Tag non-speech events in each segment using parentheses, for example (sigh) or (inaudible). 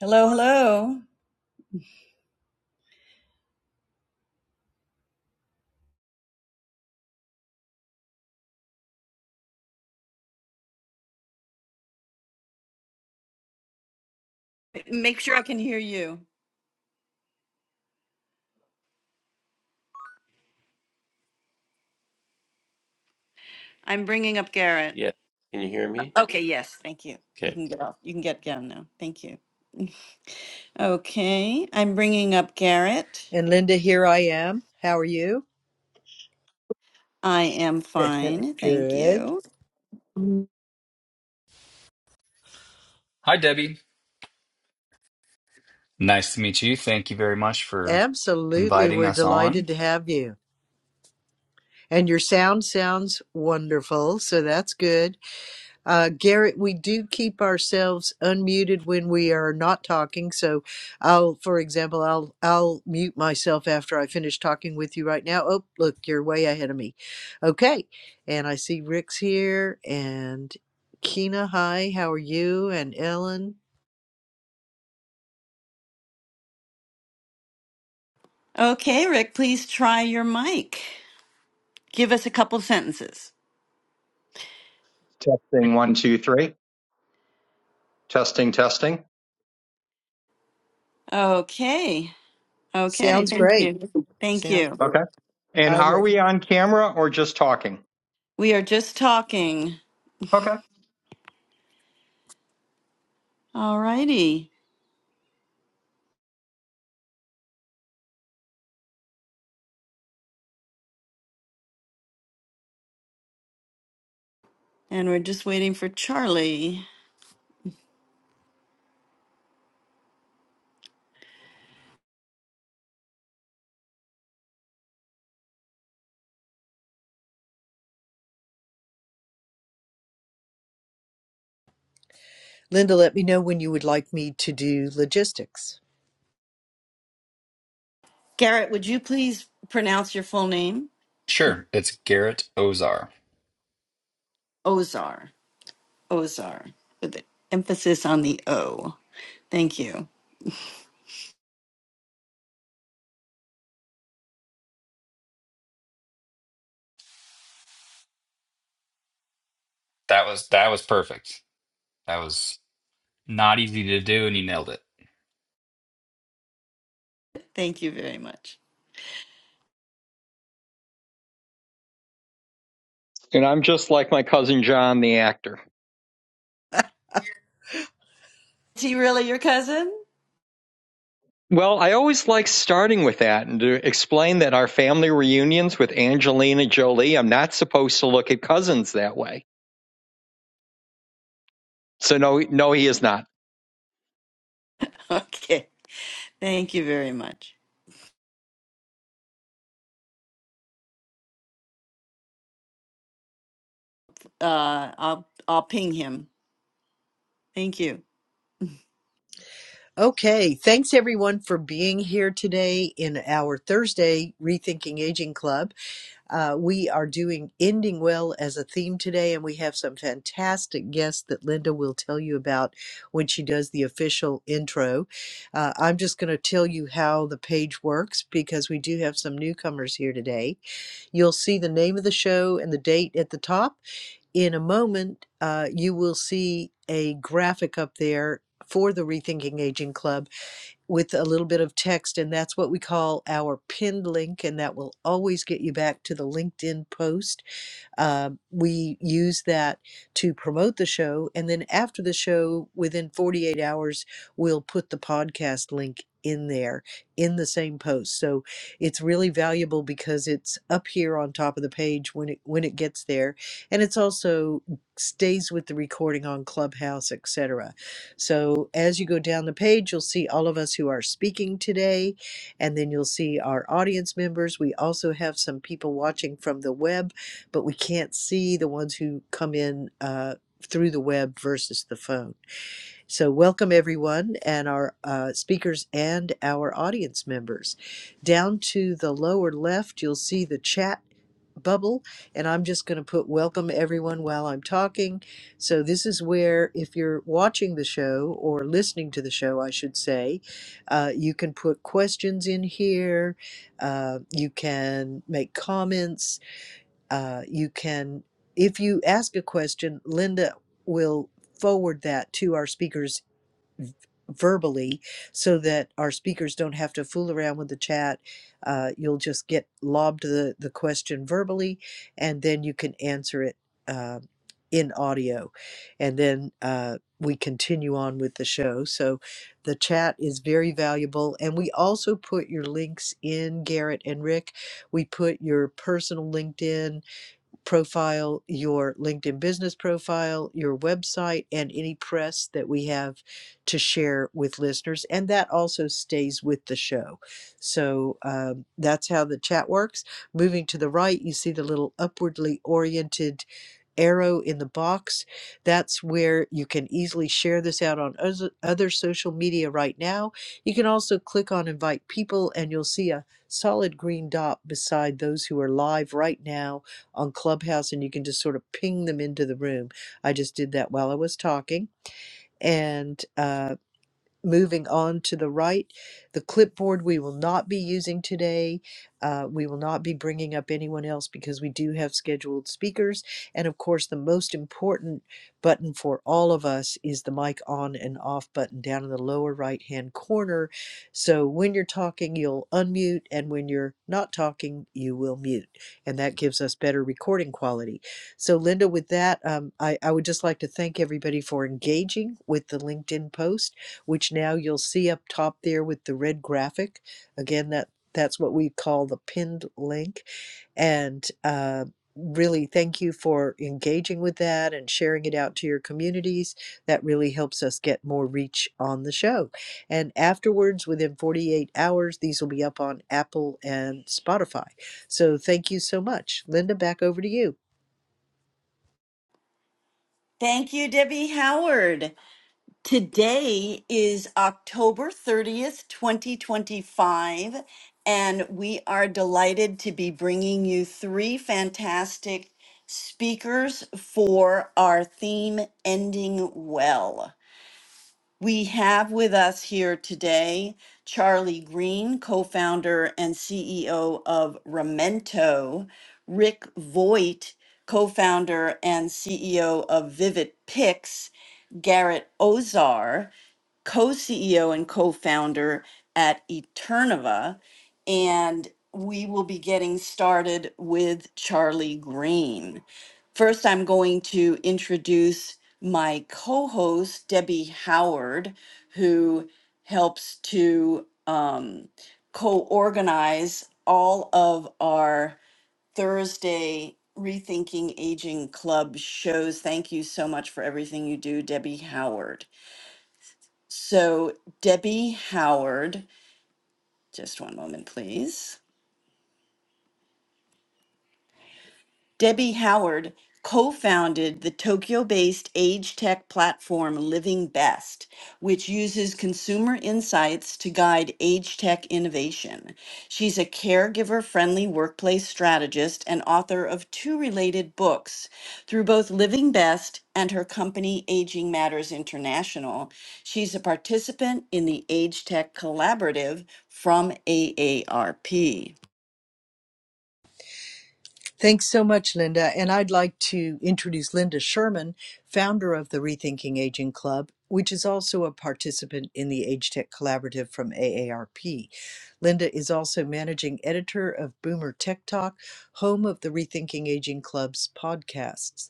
Hello, hello. Make sure I can hear you. I'm bringing up Garrett. Yeah. can you hear me? Okay, yes, thank you. Okay. You can get off. You can get down now. Thank you. Okay, I'm bringing up Garrett. And Linda, here I am. How are you? I am fine. Thank Good. you. Hi, Debbie. Nice to meet you. Thank you very much for Absolutely. inviting We're us on. delighted to have you. And your sound sounds wonderful, so that's good. Uh, Garrett, we do keep ourselves unmuted when we are not talking. So, I'll, for example, I'll I'll mute myself after I finish talking with you right now. Oh, look, you're way ahead of me. Okay, and I see Rick's here and Kina. Hi, how are you? And Ellen. Okay, Rick, please try your mic. Give us a couple sentences. Testing one, two, three. Testing, testing. Okay. Okay. Sounds Thank great. you. Thank Sounds you. great. Okay. And I are Rick. we on camera or just talking? We are just talking. Okay. All righty. And we're just waiting for Charlie. Linda, let me know when you would like me to do logistics. Garrett, would you please pronounce your full name? Sure, it's Garrett Ozar. Ozar, Ozar, with the emphasis on the O. Thank you. That was that was perfect. That was not easy to do, and you nailed it. Thank you very much. And I'm just like my cousin John, the actor. Is he really your cousin? (laughs) Well, I always like starting with that and to explain that our family reunions with Angelina Jolie, I'm not supposed to look at cousins that way. So no, no, he is not. Okay. Thank you very much. Uh, I'll I'll ping him. Thank you. Okay, thanks everyone for being here today in our Thursday Rethinking Aging Club. Uh, we are doing Ending Well as a theme today, and we have some fantastic guests that Linda will tell you about when she does the official intro. Uh, I'm just going to tell you how the page works because we do have some newcomers here today. You'll see the name of the show and the date at the top in a moment, uh, you will see a graphic up there for the Rethinking Aging Club with a little bit of text, and that's what we call our pinned link, and that will always get you back to the LinkedIn post uh, we use that to promote the show. And then after the show, within 48 hours, we'll put the podcast link in there in the same post. So it's really valuable because it's up here on top of the page when it when it gets there and it's also stays with the recording on Clubhouse, etc. So as you go down the page, you'll see all of us who are speaking today and then you'll see our audience members. We also have some people watching from the web but we can't see the ones who come in uh, through the web versus the phone. So, welcome everyone and our uh, speakers and our audience members. Down to the lower left, you'll see the chat bubble, and I'm just going to put welcome everyone while I'm talking. So, this is where if you're watching the show or listening to the show, I should say, uh, you can put questions in here, uh, you can make comments uh, you can, if you ask a question, Linda will forward that to our speakers verbally so that our speakers don't have to fool around with the chat. Uh, you'll just get lobbed the, the question verbally and then you can answer it uh, in audio. And then uh, we continue on with the show. So the chat is very valuable. And we also put your links in, Garrett and Rick. We put your personal LinkedIn profile, your LinkedIn business profile, your website, and any press that we have to share with listeners. And that also stays with the show. So um, that's how the chat works. Moving to the right, you see the little upwardly oriented arrow in the box. That's where you can easily share this out on oz- other social media right now. You can also click on invite people and you'll see a solid green dot beside those who are live right now on Clubhouse and you can just sort of ping them into the room. I just did that while I was talking. And uh, Moving on to the right, the clipboard we will not be using today. Uh, we will not be bringing up anyone else because we do have scheduled speakers. And of course, the most important button for all of us is the mic on and off button down in the lower right hand corner. So when you're talking, you'll unmute, and when you're not talking, you will mute. And that gives us better recording quality. So, Linda, with that, um, I, I would just like to thank everybody for engaging with the LinkedIn post which now you'll see up top there with the red graphic. Again, that that's what we call the pinned link. And uh, really, thank you for engaging with that and sharing it out to your communities. That really helps us get more reach on the show. And afterwards, within 48 hours, these will be up on Apple and Spotify. So thank you so much. Linda, back over to you. Thank you, Debbie Howard. Today is October 30th, 2025, and we are delighted to be bringing you three fantastic speakers for our theme Ending Well. We have with us here today Charlie Green, co-founder and CEO of Remento, Rick Voigt, co-founder and CEO of Vivid Picks, Garrett Ozar, co-CEO and co-founder at Eternova, and we will be getting started with Charlie Green. First, I'm going to introduce my co-host Debbie Howard, who helps to um, co-organize all of our Thursday Rethinking Aging Club shows. Thank you so much for everything you do, Debbie Howard. So Debbie Howard, just one moment, please. Debbie Howard co founded the Tokyo based age tech platform Living Best, which uses consumer insights to guide age tech innovation. She's a caregiver friendly workplace strategist and author of two related books. Through both Living Best and her company Aging Matters International, she's a participant in the Age Tech Collaborative from AARP. Thanks so much, Linda. And I'd like to introduce Linda Sherman, founder of the Rethinking Aging Club, which is also a participant in the Age Tech Collaborative from AARP. Linda is also managing editor of Boomer Tech Talk, home of the Rethinking Aging Club's podcasts.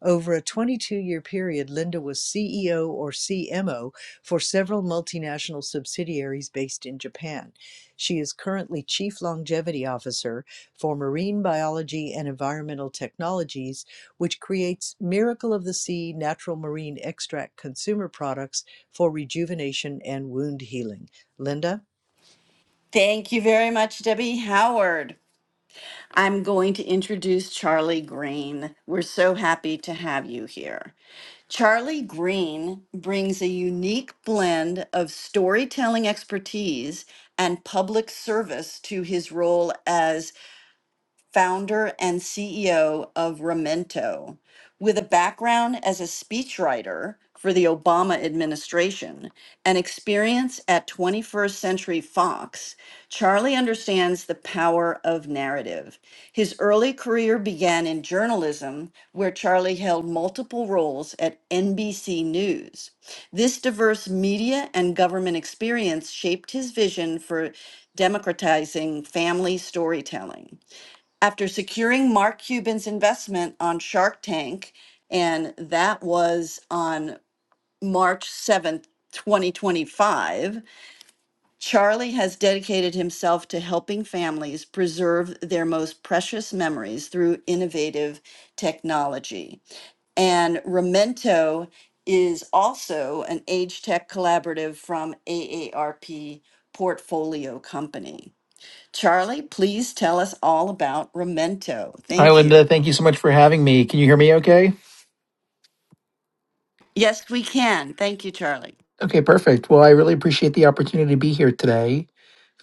Over a 22 year period, Linda was CEO or CMO for several multinational subsidiaries based in Japan. She is currently Chief Longevity Officer for Marine Biology and Environmental Technologies, which creates Miracle of the Sea natural marine extract consumer products for rejuvenation and wound healing. Linda? Thank you very much, Debbie Howard. I'm going to introduce Charlie Green. We're so happy to have you here. Charlie Green brings a unique blend of storytelling expertise and public service to his role as founder and CEO of Remento, with a background as a speechwriter for the Obama administration and experience at 21st Century Fox, Charlie understands the power of narrative. His early career began in journalism, where Charlie held multiple roles at NBC News. This diverse media and government experience shaped his vision for democratizing family storytelling after securing Mark Cuban's investment on Shark Tank, and that was on March 7th, 2025, Charlie has dedicated himself to helping families preserve their most precious memories through innovative technology. And Remento is also an age tech collaborative from AARP Portfolio Company. Charlie, please tell us all about Remento. Hi, Thank you. Linda. Thank you so much for having me. Can you hear me okay? Yes, we can. Thank you, Charlie. Okay, perfect. Well, I really appreciate the opportunity to be here today.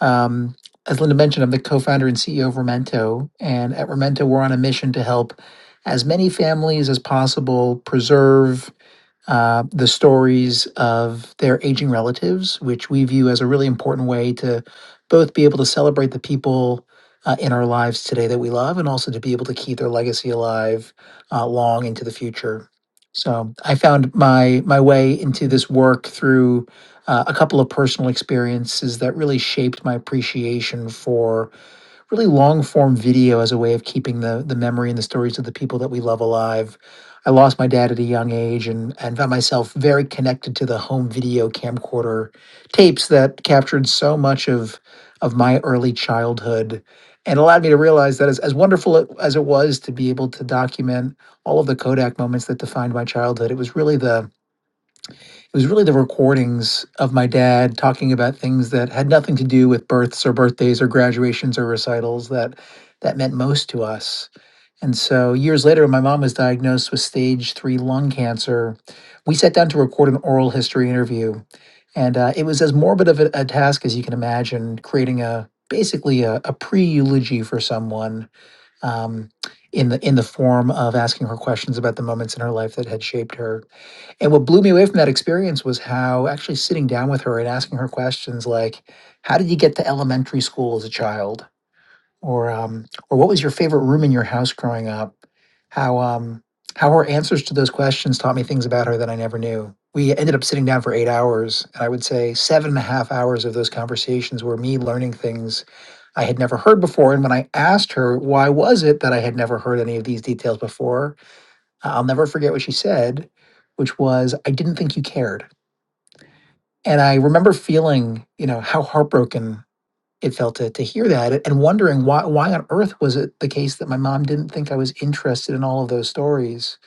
Um, as Linda mentioned, I'm the co founder and CEO of Remento. And at Remento, we're on a mission to help as many families as possible preserve uh, the stories of their aging relatives, which we view as a really important way to both be able to celebrate the people uh, in our lives today that we love and also to be able to keep their legacy alive uh, long into the future. So I found my my way into this work through uh, a couple of personal experiences that really shaped my appreciation for really long form video as a way of keeping the the memory and the stories of the people that we love alive. I lost my dad at a young age and and found myself very connected to the home video camcorder tapes that captured so much of of my early childhood and allowed me to realize that as, as wonderful it- as it was to be able to document all of the Kodak moments that defined my childhood, it was really the it was really the recordings of my dad talking about things that had nothing to do with births or birthdays or graduations or recitals that that meant most to us. And so years later when my mom was diagnosed with stage 3 lung cancer, we sat down to record an oral history interview. And uh, it was as morbid of a, a task as you can imagine, creating a basically a, a pre-eulogy for someone um, in the in the form of asking her questions about the moments in her life that had shaped her. And what blew me away from that experience was how actually sitting down with her and asking her questions like, "How did you get to elementary school as a child?" or um, "Or what was your favorite room in your house growing up?" How um, how her answers to those questions taught me things about her that I never knew. We ended up sitting down for eight hours, and I would say seven and a half hours of those conversations were me learning things I had never heard before. And when I asked her why was it that I had never heard any of these details before, I'll never forget what she said, which was, I didn't think you cared. And I remember feeling, you know, how heartbroken it felt to, to hear that and wondering why, why on earth was it the case that my mom didn't think I was interested in all of those stories.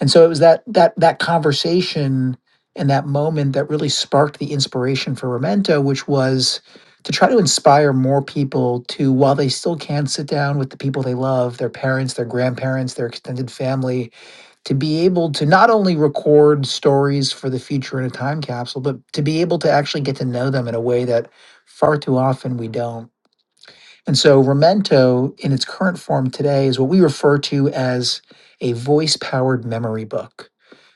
And so it was that, that, that conversation and that moment that really sparked the inspiration for Memento, which was to try to inspire more people to, while they still can sit down with the people they love, their parents, their grandparents, their extended family, to be able to not only record stories for the future in a time capsule, but to be able to actually get to know them in a way that far too often we don't. And so, Memento in its current form today is what we refer to as a voice powered memory book.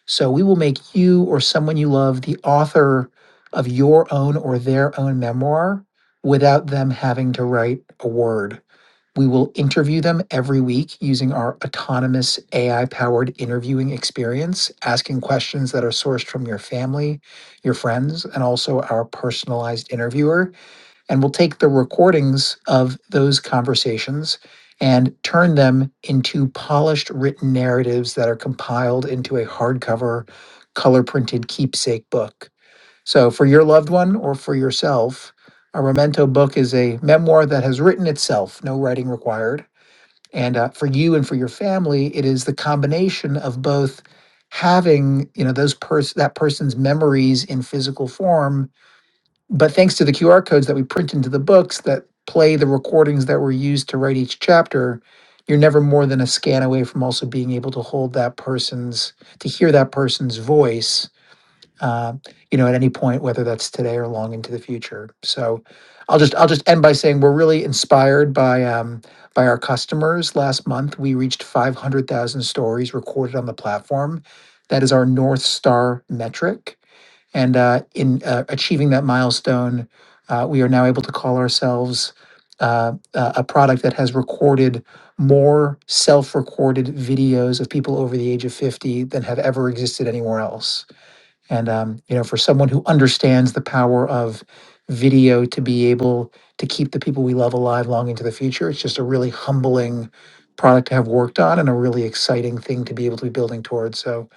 So, we will make you or someone you love the author of your own or their own memoir without them having to write a word. We will interview them every week using our autonomous AI powered interviewing experience, asking questions that are sourced from your family, your friends, and also our personalized interviewer. And we'll take the recordings of those conversations and turn them into polished written narratives that are compiled into a hardcover, color printed keepsake book. So, for your loved one or for yourself, a memento book is a memoir that has written itself, no writing required. And uh, for you and for your family, it is the combination of both having you know those pers- that person's memories in physical form, but thanks to the QR codes that we print into the books that play the recordings that were used to write each chapter, you're never more than a scan away from also being able to hold that person's to hear that person's voice uh, you know, at any point, whether that's today or long into the future. So I'll just I'll just end by saying we're really inspired by um, by our customers. Last month, we reached 500,000 stories recorded on the platform. That is our North Star metric. And uh, in uh, achieving that milestone, uh, we are now able to call ourselves uh, a a product that has recorded more self recorded videos of people over the age of 50 than have ever existed anywhere else. And um, you know, for someone who understands the power of video to be able to keep the people we love alive long into the future, it's just a really humbling product to have worked on and a really exciting thing to be able to be building towards. So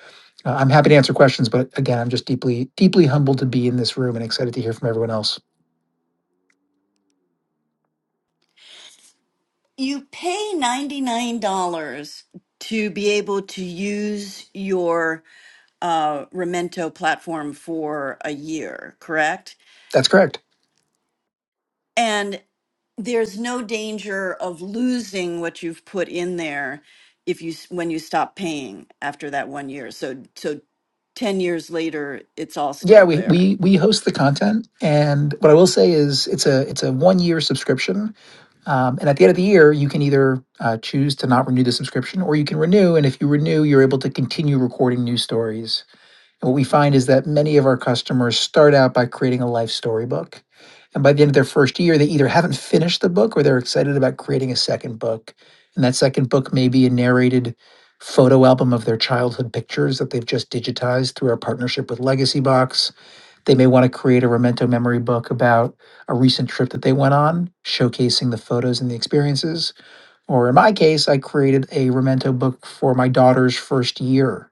uh, I'm happy to answer questions, but again, I'm just deeply, deeply humbled to be in this room and excited to hear from everyone else. You pay $99 to be able to use your uh, Remento platform for a year, correct? That's correct. And there's no danger of losing what you've put in there if you s- when you stop paying after that one year. So so 10 years later, it's all Yeah, still we there. we we host the content, and what I will say is it's a it's a one year subscription, Um, and at the end of the year, you can either uh, choose to not renew the subscription or you can renew. And if you renew, you're able to continue recording new stories. And what we find is that many of our customers start out by creating a life storybook. And by the end of their first year, they either haven't finished the book or they're excited about creating a second book. And that second book may be a narrated photo album of their childhood pictures that they've just digitized through our partnership with Legacy Box they may want to create a memento memory book about a recent trip that they went on, showcasing the photos and the experiences. Or in my case, I created a memento book for my daughter's first year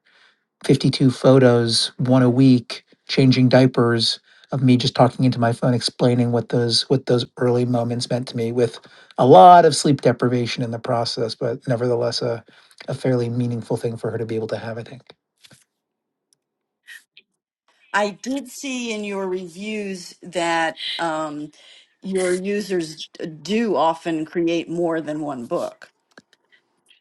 52 photos, one a week, changing diapers of me just talking into my phone explaining what those what those early moments meant to me with a lot of sleep deprivation in the process but nevertheless a, a fairly meaningful thing for her to be able to have i think I did see in your reviews that um, your users do often create more than one book.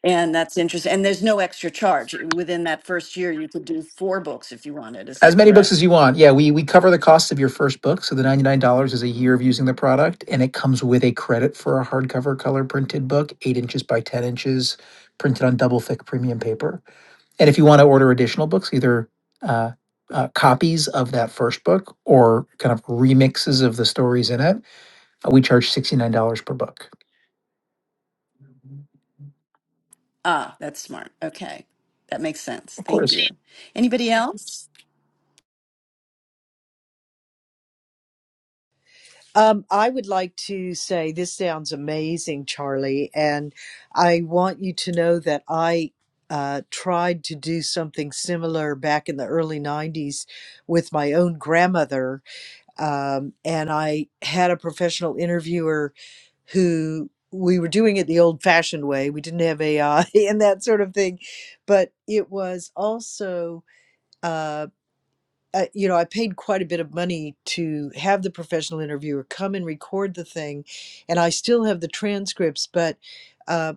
And that's interesting. And there's no extra charge. Within that first year, you could do four books if you wanted. Is As that many books correct? as you want. Yeah, we we cover the cost of your first book, so the $99 is a year of using the product and it comes with a credit for a hardcover color printed book, 8 inches by 10 inches, printed on double thick premium paper. And if you want to order additional books, either uh, uh, copies of that first book or kind of remixes of the stories in it, uh, we charge $69 per book. Ah, that's smart. Okay. That makes sense. Of Thank course. you. Anybody else? Um, I would like to say this sounds amazing, Charlie, and I want you to know that I uh, tried to do something similar back in the early 90s with my own grandmother. Um, and I had a professional interviewer who we were doing it the old fashioned way. We didn't have AI (laughs) and that sort of thing, but it was also. Um, uh, you know, I paid quite a bit of money to have the professional interviewer come and record the thing, and I still have the transcripts, but. uh,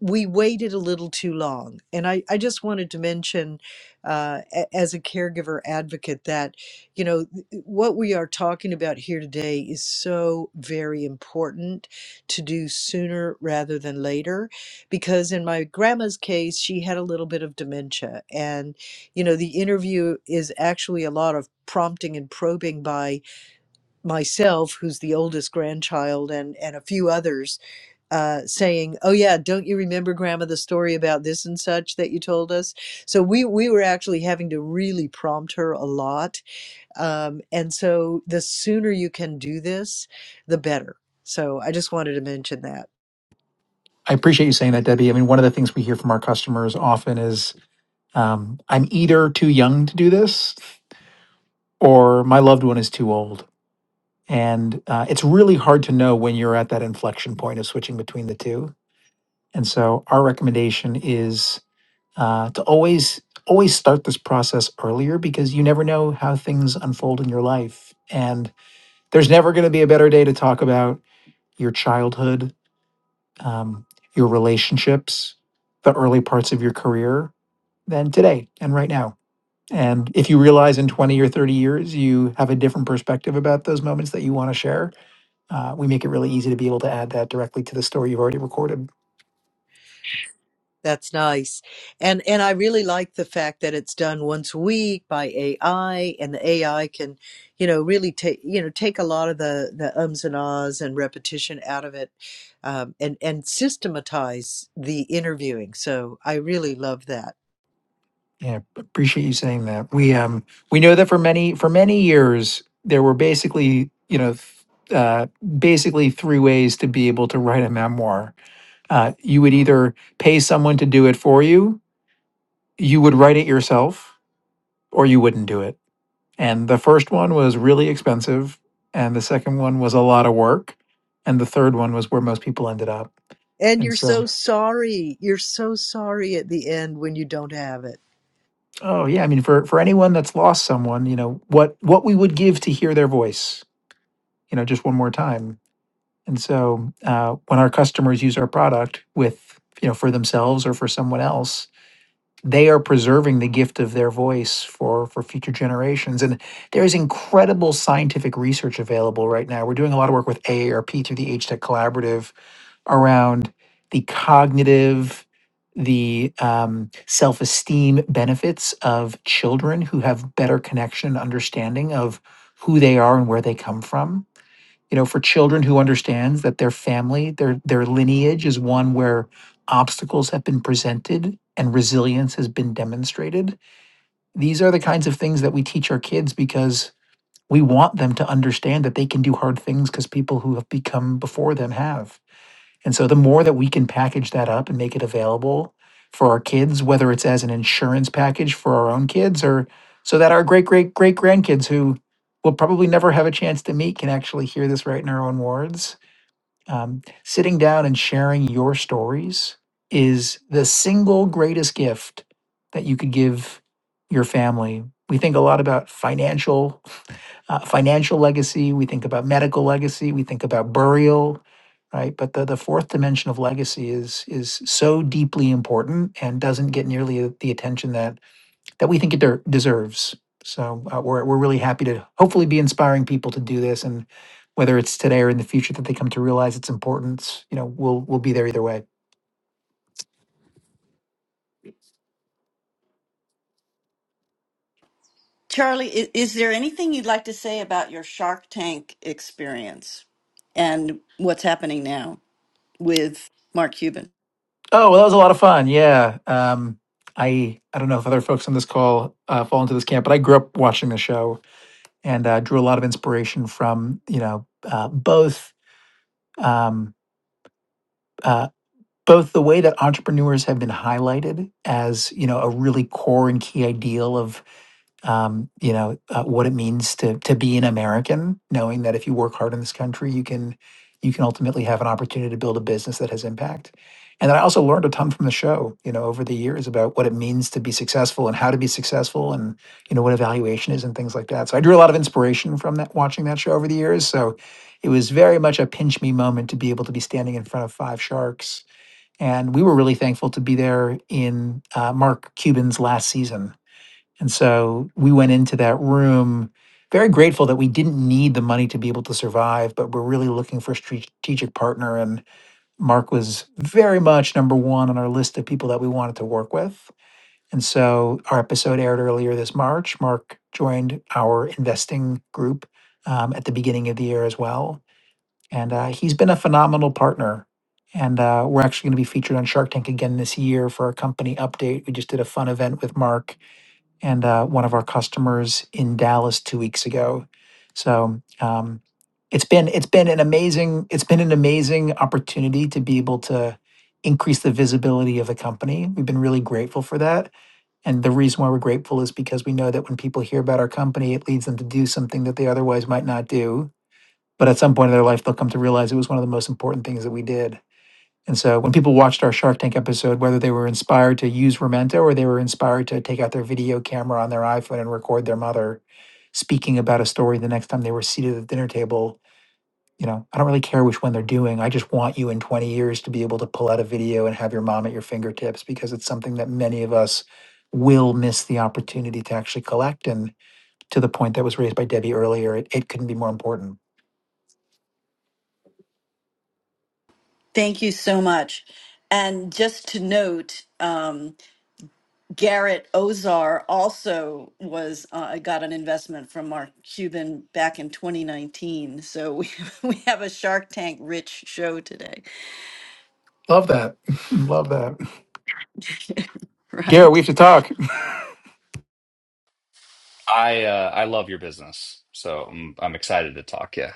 we waited a little too long. And I, I just wanted to mention, uh, a- as a caregiver advocate, that, you know, th- what we are talking about here today is so very important to do sooner rather than later. Because in my grandma's case, she had a little bit of dementia. And, you know, the interview is actually a lot of prompting and probing by myself, who's the oldest grandchild, and, and a few others uh, saying, "Oh yeah, don't you remember, Grandma, the story about this and such that you told us?" So we we were actually having to really prompt her a lot, um, and so the sooner you can do this, the better. So I just wanted to mention that. I appreciate you saying that, Debbie. I mean, one of the things we hear from our customers often is um, I'm either too young to do this or my loved one is too old. And uh, it's really hard to know when you're at that inflection point of switching between the two. And so our recommendation is uh, to always always start this process earlier because you never know how things unfold in your life. And there's never going to be a better day to talk about your childhood, um, your relationships, the early parts of your career than today and right now. And if you realize in 20 or 30 years you have a different perspective about those moments that you want to share, uh, we make it really easy to be able to add that directly to the story you've already recorded. That's nice. And and I really like the fact that it's done once a week by AI and the AI can, you know, really take, you know, take a lot of the the ums and ahs and repetition out of it um, and and systematize the interviewing. So I really love that. Yeah, appreciate you saying that. We um we know that for many for many years there were basically you know th- uh, basically three ways to be able to write a memoir. Uh, you would either pay someone to do it for you, you would write it yourself, or you wouldn't do it And the first one was really expensive, and the second one was a lot of work, and the third one was where most people ended up. And you're And so so, sorry. You're so sorry at the end when you don't have it. oh yeah, I mean, for for anyone that's lost someone, you know what what we would give to hear their voice, you know, just one more time. And so, uh, when our customers use our product with you know for themselves or for someone else, they are preserving the gift of their voice for for future generations. And there's incredible scientific research available right now. We're doing a lot of work with AARP through the H Tech Collaborative around the cognitive, the um, self esteem benefits of children who have better connection and understanding of who they are and where they come from. You know, for children who understands that their family, their their lineage is one where obstacles have been presented and resilience has been demonstrated. These are the kinds of things that we teach our kids because we want them to understand that they can do hard things because people who have become before them have and so the more that we can package that up and make it available for our kids, whether it's as an insurance package for our own kids or so that our great great great grandkids who will probably never have a chance to meet can actually hear this right in our own words. Um, sitting down and sharing your stories is the single greatest gift that you could give your family. We think a lot about financial uh, financial legacy, we think about medical legacy, we think about burial, right? But the, the fourth dimension of legacy is is so deeply important and doesn't get nearly the attention that that we think it der- deserves. So uh, we're we're really happy to hopefully be inspiring people to do this, and whether it's today or in the future that they come to realize its importance, you know, we'll we'll be there either way. Charlie, is, is there anything you'd like to say about your Shark Tank experience and what's happening now with Mark Cuban? Oh, well, that was a lot of fun. Yeah. Um, I I don't know if other folks on this call uh, fall into this camp, but I grew up watching the show and uh, drew a lot of inspiration from you know uh, both um, uh, both the way that entrepreneurs have been highlighted as you know a really core and key ideal of um, you know uh, what it means to to be an American, knowing that if you work hard in this country, you can you can ultimately have an opportunity to build a business that has impact. And then I also learned a ton from the show, you know, over the years about what it means to be successful and how to be successful, and you know what evaluation is and things like that. So I drew a lot of inspiration from that watching that show over the years. So it was very much a pinch me moment to be able to be standing in front of five sharks and we were really thankful to be there in uh, Mark Cuban's last season. And so we went into that room very grateful that we didn't need the money to be able to survive, but we're really looking for a strategic partner. And Mark was very much number one on our list of people that we wanted to work with. And so our episode aired earlier this March. Mark joined our investing group um, at the beginning of the year as well and uh, he's been a phenomenal partner. And uh, we're actually going to be featured on Shark Tank again this year for our company update. We just did a fun event with Mark and uh, one of our customers in Dallas two weeks ago. So um, it's been it's been an amazing it's been an amazing opportunity to be able to increase the visibility of the company. We've been really grateful for that. And the reason why we're grateful is because we know that when people hear about our company, it leads them to do something that they otherwise might not do but at some point in their life, they'll come to realize it was one of the most important things that we did. And so when people watched our Shark Tank episode, whether they were inspired to use Remento or they were inspired to take out their video camera on their iPhone and record their mother speaking about a story the next time they were seated at the dinner table, you know, I don't really care which one they're doing. I just want you in 20 years to be able to pull out a video and have your mom at your fingertips because it's something that many of us will miss the opportunity to actually collect. And to the point that was raised by Debbie earlier, it, it couldn't be more important. Thank you so much. And just to note, um, Garrett Ozar also was uh, got an investment from Mark Cuban back in 2019. So we (laughs) we have a Shark Tank rich show today, Love that. (laughs) Love that. (laughs) Garrett, we right? have to talk. I uh, I love your business, so I'm I'm excited to talk. Yeah,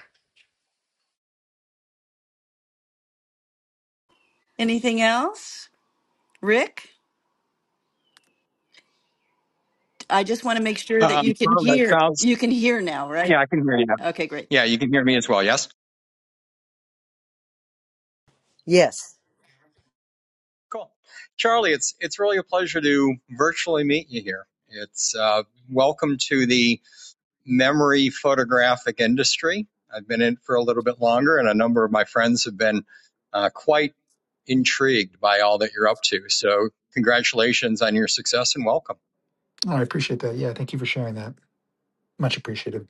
Anything else, Rick? I just want to make sure that Um, you can well, that hear. sounds. You can hear now, right? Yeah, I can hear you. now. Okay, great. Yeah, you can hear me as well. Yes. Yes. Cool, Charlie. It's it's really a pleasure to virtually meet you here. It's uh, welcome to the memory photographic industry. I've been in it for a little bit longer, and a number of my friends have been uh, quite intrigued by all that you're up to. So, congratulations on your success and welcome. Oh, I appreciate that. Yeah, thank you for sharing that. Much appreciated.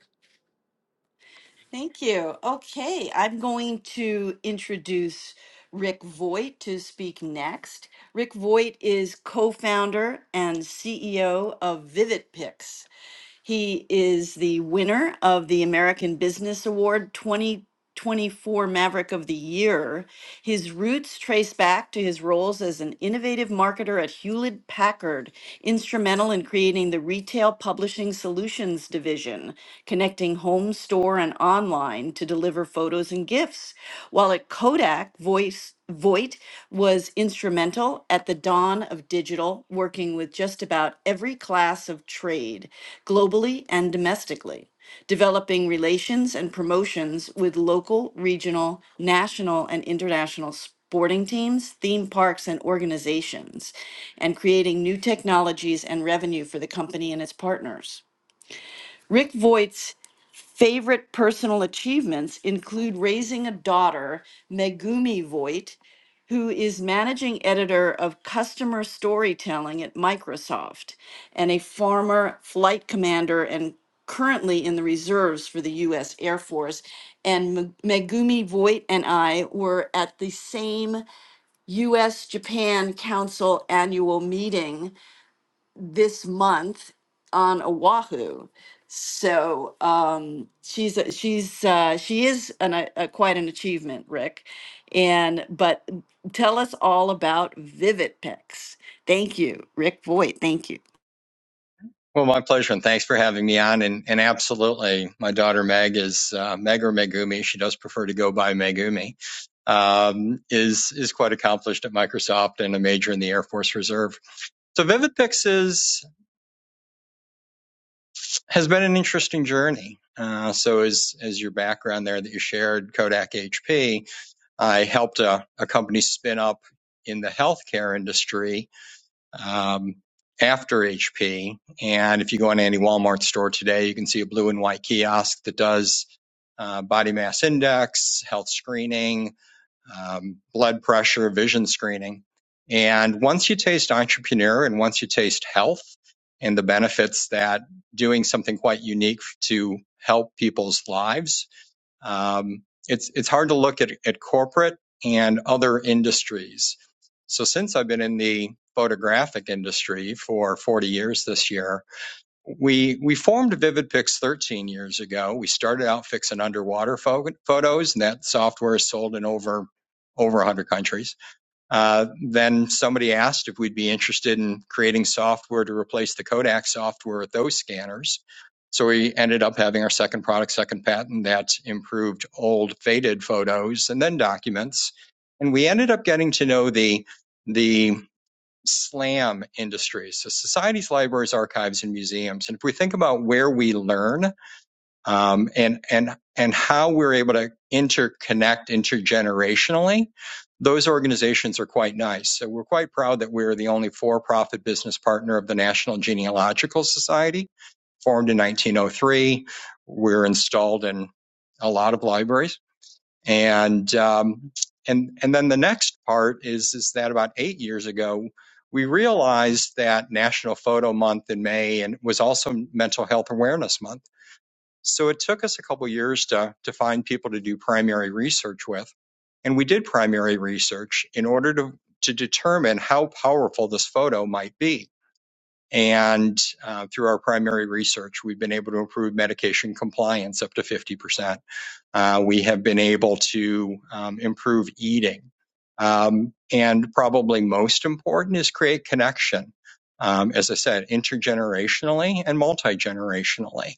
Thank you. Okay, I'm going to introduce Rick Voigt to speak next. Rick Voigt is co founder and CEO of VividPix. He is the winner of the American Business Award 2024 Maverick of the Year. His roots trace back to his roles as an innovative marketer at Hewlett Packard, instrumental in creating the Retail Publishing Solutions Division, connecting home, store, and online to deliver photos and gifts. While at Kodak, voice. Voight was instrumental at the dawn of digital, working with just about every class of trade, globally and domestically, developing relations and promotions with local, regional, national, and international sporting teams, theme parks, and organizations, and creating new technologies and revenue for the company and its partners. Rick Voigt's Favorite personal achievements include raising a daughter, Megumi Voigt, who is managing editor of customer storytelling at Microsoft and a former flight commander and currently in the reserves for the U.S. Air Force. And M- Megumi Voigt and I were at the same U.S. Japan Council annual meeting this month on Oahu. So um, she's a- she's uh, she is an, a, a quite an achievement, Rick. And but tell us all about Vivid Picks. Thank you, Rick Voigt. Thank you. Well, my pleasure, and thanks for having me on. And, and absolutely, my daughter Meg is uh, Meg or Megumi. She does prefer to go by Megumi. Um, is is quite accomplished at Microsoft and a major in the Air Force Reserve. So VividPix is has been an interesting journey. Uh, so, as as your background there that you shared, Kodak HP, I helped a, a company spin up in the healthcare industry um, after HP. And if you go on any Walmart store today, you can see a blue and white kiosk that does uh, body mass index, health screening, um, blood pressure, vision screening. And once you taste entrepreneur and once you taste health and the benefits that doing something quite unique to help people's lives, um, it's, it's hard to look at, at corporate and other industries. So since I've been in the photographic industry for 40 years this year, we we formed VividPix 13 years ago. We started out fixing underwater pho- photos, and that software is sold in over over 100 countries. Uh, then somebody asked if we'd be interested in creating software to replace the Kodak software with those scanners. So we ended up having our second product, second patent that improved old faded photos and then documents. And we ended up getting to know the the SLAM industries. So societies, libraries, archives, and museums. And if we think about where we learn um, and and and how we're able to interconnect intergenerationally, those organizations are quite nice. So we're quite proud that we're the only for-profit business partner of the National Genealogical Society, formed in 1903. We're installed in a lot of libraries and um, and and then the next part is is that about eight years ago we realized that National Photo Month in May and was also Mental Health Awareness Month. So it took us a couple years to to find people to do primary research with, and we did primary research in order to to determine how powerful this photo might be. And uh, through our primary research, we've been able to improve medication compliance up to 50%. Uh, we have been able to um, improve eating. Um, and probably most important is create connection, um, as I said, intergenerationally and multi generationally,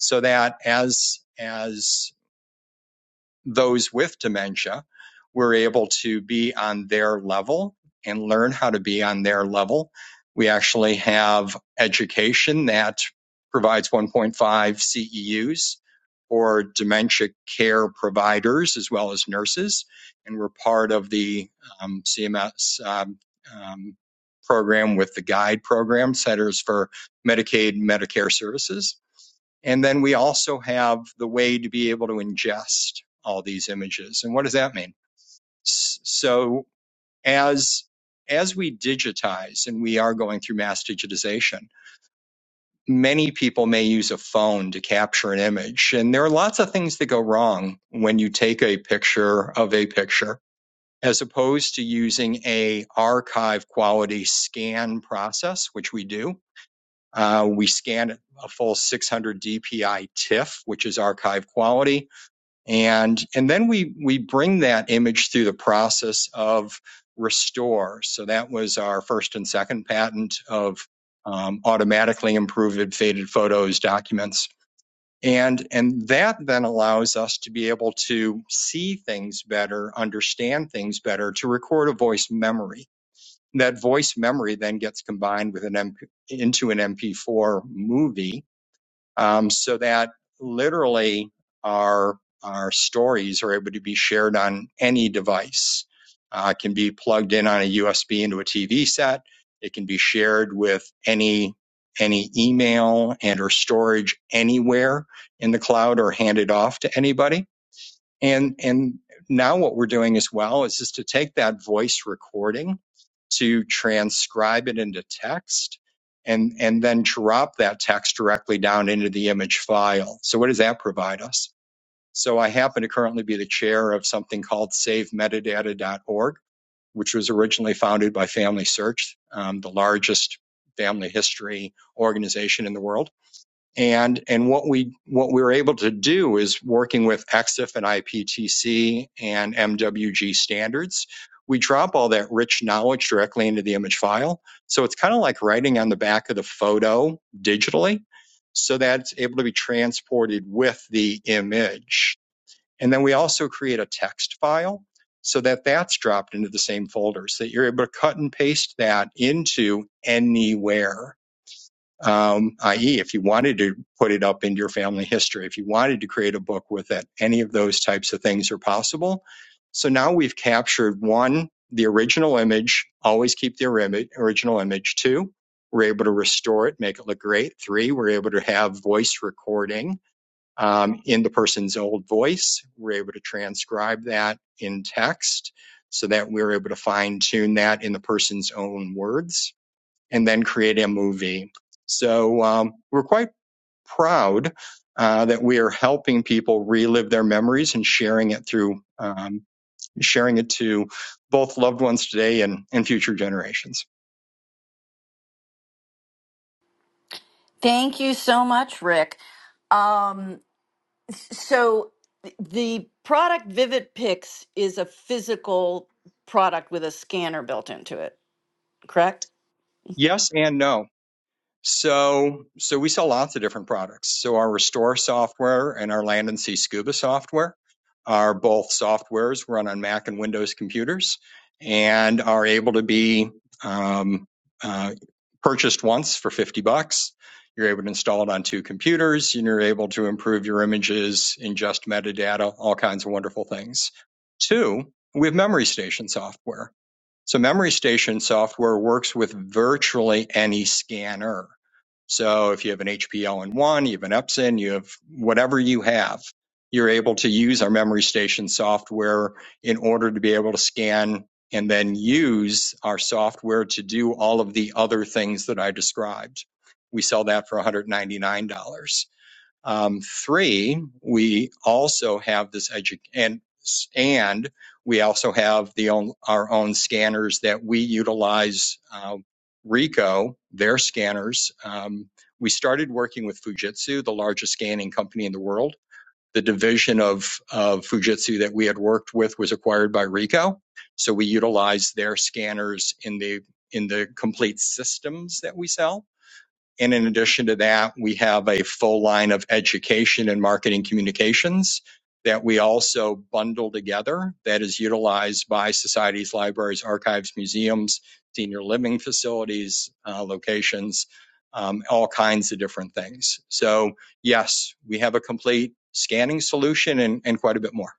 so that as as those with dementia were able to be on their level and learn how to be on their level. We actually have education that provides 1.5 CEUs for dementia care providers as well as nurses. And we're part of the um, CMS um, um, program with the GUIDE program, Centers for Medicaid, and Medicare Services and then we also have the way to be able to ingest all these images. And what does that mean? So as as we digitize and we are going through mass digitization, many people may use a phone to capture an image. And there are lots of things that go wrong when you take a picture of a picture as opposed to using a archive quality scan process, which we do. Uh, we scan a full 600 DPI TIFF, which is archive quality and and then we we bring that image through the process of restore so that was our first and second patent of um, automatically improved faded photos documents and and that then allows us to be able to see things better understand things better to record a voice memory that voice memory then gets combined with an MP, into an mp4 movie um, so that literally our our stories are able to be shared on any device. Uh, it can be plugged in on a USB into a TV set. It can be shared with any any email and or storage anywhere in the cloud or handed off to anybody and and now what we're doing as well is just to take that voice recording, to transcribe it into text, and and then drop that text directly down into the image file. So what does that provide us? So I happen to currently be the chair of something called SaveMetadata.org, which was originally founded by Family Search, um, the largest family history organization in the world and and what we what we were able to do is working with EXIF and IPTC and MWG standards, we drop all that rich knowledge directly into the image file. So it's kind of like writing on the back of the photo digitally, so that it's able to be transported with the image. And then we also create a text file so that that's dropped into the same folder so that you're able to cut and paste that into anywhere um, i.e., if you wanted to put it up in your family history, if you wanted to create a book with it, any of those types of things are possible. So now we've captured one, the original image, always keep the original image. Two, we're able to restore it, make it look great. Three, we're able to have voice recording um, in the person's old voice. We're able to transcribe that in text so that we're able to fine tune that in the person's own words and then create a movie. So um, we're quite proud uh, that we are helping people relive their memories and sharing it through um, sharing it to both loved ones today and, and future generations. Thank you so much, Rick. Um, So th- the product Vivid Picks is a physical product with a scanner built into it, correct? Yes and no. So, so we sell lots of different products. So our restore software and our land and sea scuba software are both softwares run on Mac and Windows computers and are able to be um, uh, purchased once for 50 bucks. You're able to install it on two computers and you're able to improve your images, ingest metadata, all kinds of wonderful things. Two, we have memory station software so Memory Station software works with virtually any scanner. So if you have an HPL in one, you have an Epson, you have whatever you have, you're able to use our Memory Station software in order to be able to scan and then use our software to do all of the other things that I described. We sell that for $199. Um, three, we also have this edu- and and we also have the own, our own scanners that we utilize. Uh, Ricoh, their scanners. Um, we started working with Fujitsu, the largest scanning company in the world. The division of of Fujitsu that we had worked with was acquired by Ricoh, so we utilize their scanners in the in the complete systems that we sell and in addition to that, we have a full line of education and marketing communications that we also bundle together that is utilized by societies, libraries, archives, museums, senior living facilities, uh, locations, um, all kinds of different things. So, yes, we have a complete scanning solution and, and quite a bit more.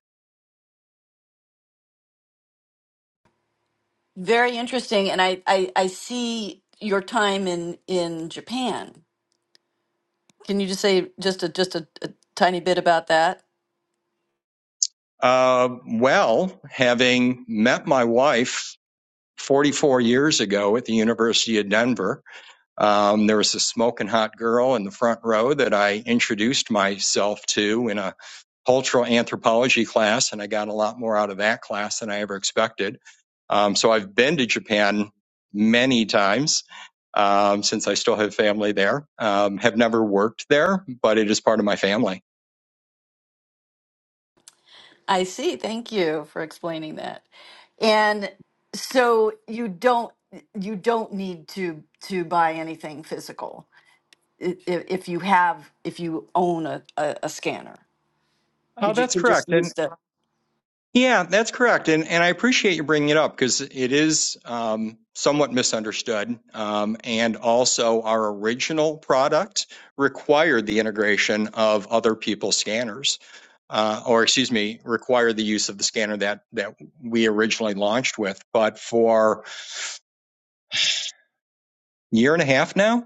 Very interesting, and I, I I see your time in in Japan. Can you just say just a just a, a tiny bit about that? Uh, well, having met my wife 44 years ago at the University of Denver, Um, there was a smoking hot girl in the front row that I introduced myself to in a cultural anthropology class, and I got a lot more out of that class than I ever expected. Um, so I've been to Japan many times um, since I still have family there. Um, have never worked there, but it is part of my family. I see. Thank you for explaining that. And so you don't you don't need to to buy anything physical if, if you have if you own a, a, a scanner. You Oh, ju- that's can just correct. And. use the. Yeah, that's correct. And, and I appreciate you bringing it up because it is um, somewhat misunderstood. Um, and also, our original product required the integration of other people's scanners, uh, or excuse me, required the use of the scanner that, that we originally launched with. But for a year and a half now,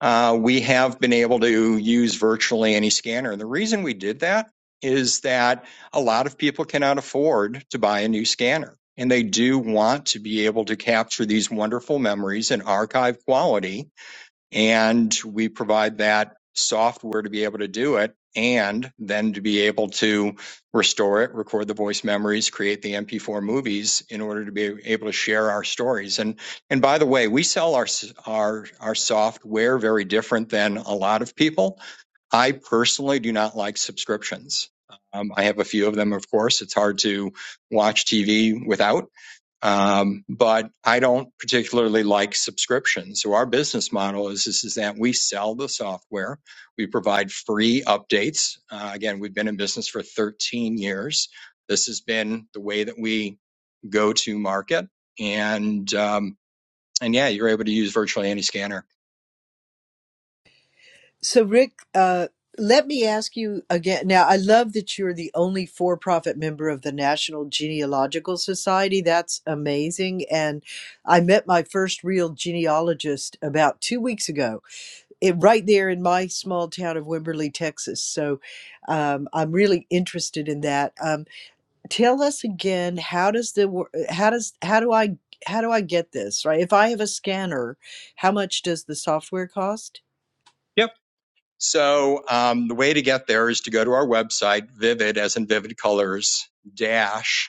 uh, we have been able to use virtually any scanner. And the reason we did that is that a lot of people cannot afford to buy a new scanner. And they do want to be able to capture these wonderful memories in archive quality and we provide that software to be able to do it and then to be able to restore it record the voice memories create the mp4 movies in order to be able to share our stories and and by the way we sell our our our software very different than a lot of people i personally do not like subscriptions um, i have a few of them of course it's hard to watch tv without um, but I don't particularly like subscriptions. So our business model is is, is that we sell the software. We provide free updates. Uh, again, we've been in business for 13 years. This has been the way that we go to market. And um, and yeah, you're able to use virtually any scanner. So, Rick, uh, let me ask you again. Now, I love that you're the only for profit member of the National Genealogical Society. That's amazing. And I met my first real genealogist about two weeks ago, it, right there in my small town of Wimberley, Texas. So, um, I'm really interested in that. Um, tell us again how does the wor- how does how do I how do I get this right? If I have a scanner, how much does the software cost? Yep. So um, the way to get there is to go to our website, Vivid, as in Vivid Colors, Dash.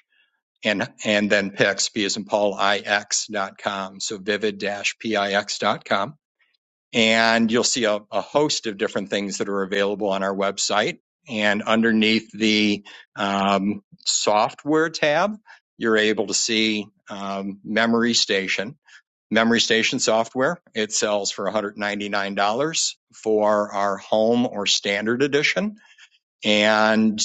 and and then Pix, P as in Paul, IX.com. So vivid-pix.com. And you'll see a, a host of different things that are available on our website. And underneath the um, software tab, you're able to see um, Memory Station. Memory Station software, it sells for $199 for our home or standard edition and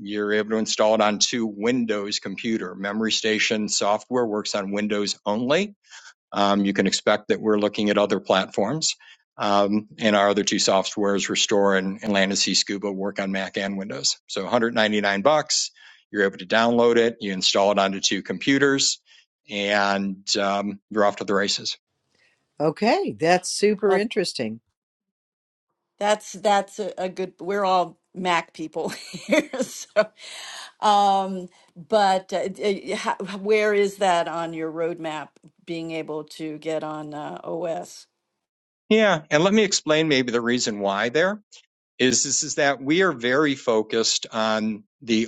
you're able to install it onto Windows computer. Memory Station software works on Windows only. Um, you can expect that we're looking at other platforms. Um, and our other two softwares, Restore and, and Land and Sea Scuba, work on Mac and Windows. So 199 bucks. You're able to download it. You install it onto two computers, and um, you're off to the races. Okay, that's super interesting. That's that's a, a good. We're all Mac people (laughs) here, so. Um, but uh, d- uh, ha- where is that on your roadmap? Being able to get on uh, OS. Yeah, and let me explain maybe the reason why there is this is that we are very focused on the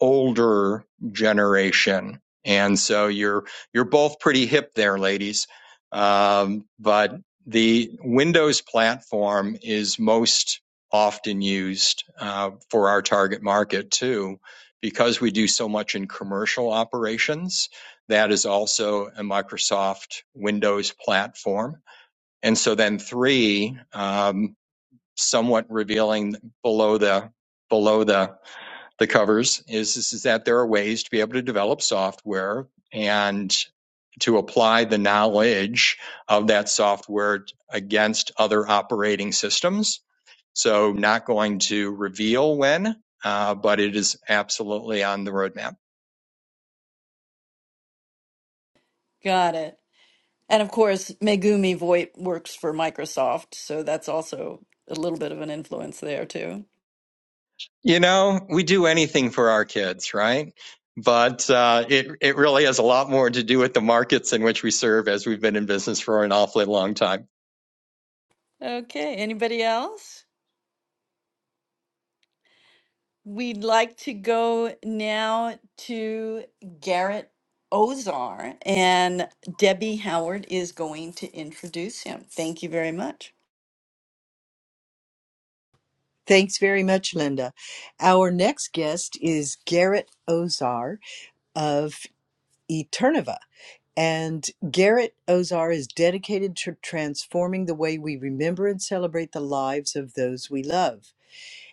older generation. And so you're you're both pretty hip there, ladies. Um, but the Windows platform is most often used uh, for our target market too, because we do so much in commercial operations. That is also a Microsoft Windows platform. And so then three, um, somewhat revealing below the below the the covers is, is is that there are ways to be able to develop software and to apply the knowledge of that software against other operating systems. So not going to reveal when, uh, but it is absolutely on the roadmap. Got it. And of course, Megumi Voit works for Microsoft, so that's also a little bit of an influence there too. You know, we do anything for our kids, right? But uh, it it really has a lot more to do with the markets in which we serve, as we've been in business for an awfully long time. Okay. Anybody else? We'd like to go now to Garrett Ozar, and Debbie Howard is going to introduce him. Thank you very much. Thanks very much, Linda. Our next guest is Garrett Ozar of Eternova. And Garrett Ozar is dedicated to transforming the way we remember and celebrate the lives of those we love.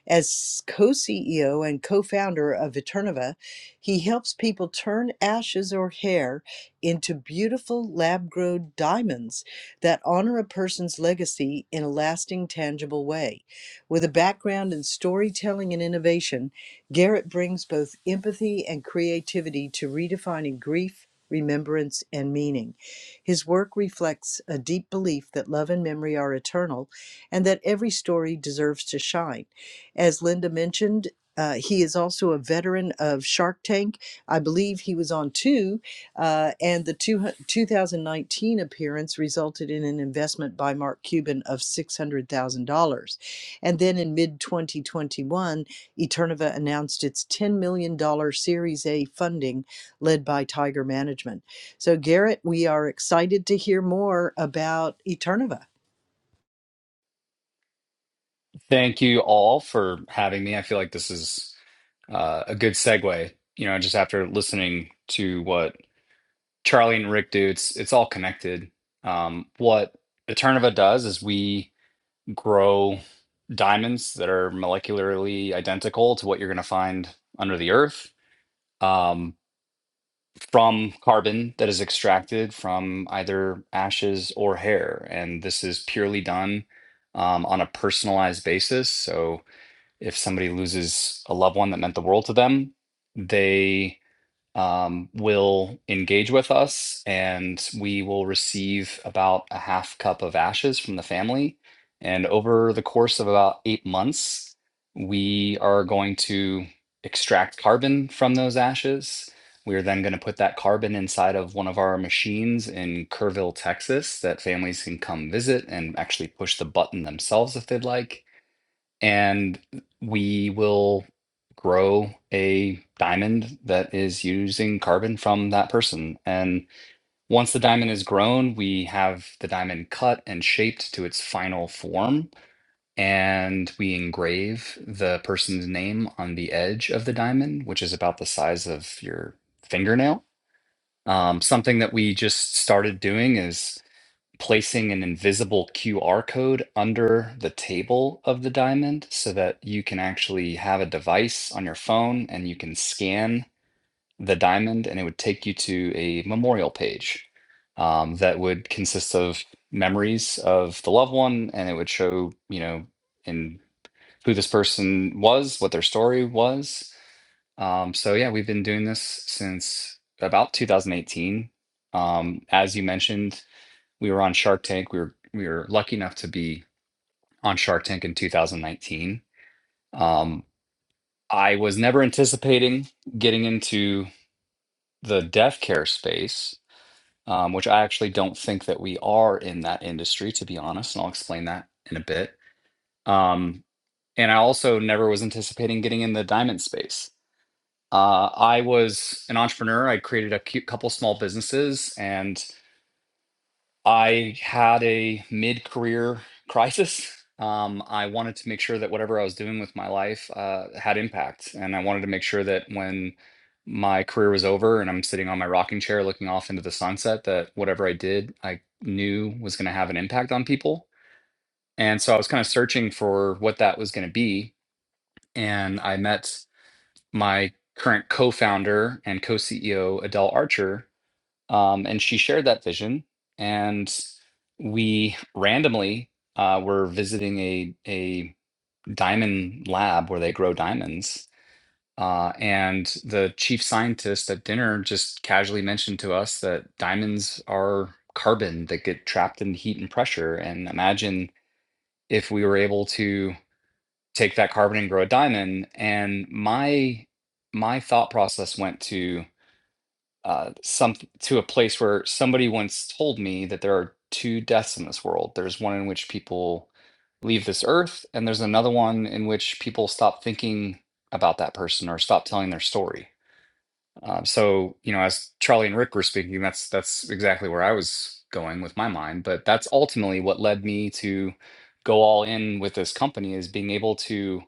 As co CEO and co founder of Eternova, he helps people turn ashes or hair into beautiful lab grown diamonds that honor a person's legacy in a lasting, tangible way. With a background in storytelling and innovation, Garrett brings both empathy and creativity to redefining grief. Remembrance and meaning. His work reflects a deep belief that love and memory are eternal and that every story deserves to shine. As Linda mentioned, uh, he is also a veteran of Shark Tank. I believe he was on two, uh, and the two, 2019 appearance resulted in an investment by Mark Cuban of $600,000. And then in mid 2021, Eternova announced its $10 million dollars Series A funding led by Tiger Management. So, Garrett, we are excited to hear more about Eternova. thank you all for having me. I feel like this is uh, a good segue. You know, just after listening to what Charlie and Rick do, it's it's all connected. Um, what Eternova does is we grow diamonds that are molecularly identical to what you're going to find under the earth um, from carbon that is extracted from either ashes or hair. And this is purely done um, on a personalized basis. So if somebody loses a loved one that meant the world to them, they um, will engage with us and we will receive about a half cup of ashes from the family. And over the course of about eight months, we are going to extract carbon from those ashes. We are then going to put that carbon inside of one of our machines in Kerrville, Texas, that families can come visit and actually push the button themselves if they'd like and we will grow a diamond that is using carbon from that person. And once the diamond is grown, we have the diamond cut and shaped to its final form. And we engrave the person's name on the edge of the diamond, which is about the size of your fingernail. Um, something that we just started doing is placing an invisible QR code under the table of the diamond so that you can actually have a device on your phone and you can scan the diamond and it would take you to a memorial page um, that would consist of memories of the loved one and it would show, you know, in who this person was, what their story was. Um, so yeah, we've been doing this since about 2018. Um, as you mentioned, we were on Shark Tank. We were we were lucky enough to be on Shark Tank in 2019. Um, I was never anticipating getting into the deaf care space, um, which I actually don't think that we are in that industry, to be honest. And I'll explain that in a bit. Um, and I also never was anticipating getting in the diamond space. Uh, I was an entrepreneur. I created a cou- couple small businesses and I had a mid career crisis. Um, I wanted to make sure that whatever I was doing with my life uh, had impact. And I wanted to make sure that when my career was over and I'm sitting on my rocking chair looking off into the sunset, that whatever I did, I knew was going to have an impact on people. And so I was kind of searching for what that was going to be. And I met my current co founder and co CEO, Adele Archer, um, and she shared that vision, and we randomly uh, were visiting a a diamond lab where they grow diamonds. Uh, and the chief scientist at dinner just casually mentioned to us that diamonds are carbon that get trapped in heat and pressure. And imagine if we were able to take that carbon and grow a diamond. And my my thought process went to uh, some to a place where somebody once told me that there are two deaths in this world. There's one in which people leave this earth, and there's another one in which people stop thinking about that person or stop telling their story. Um, so, you know, as Charlie and Rick were speaking, that's that's exactly where I was going with my mind. But that's ultimately what led me to go all in with this company is being able to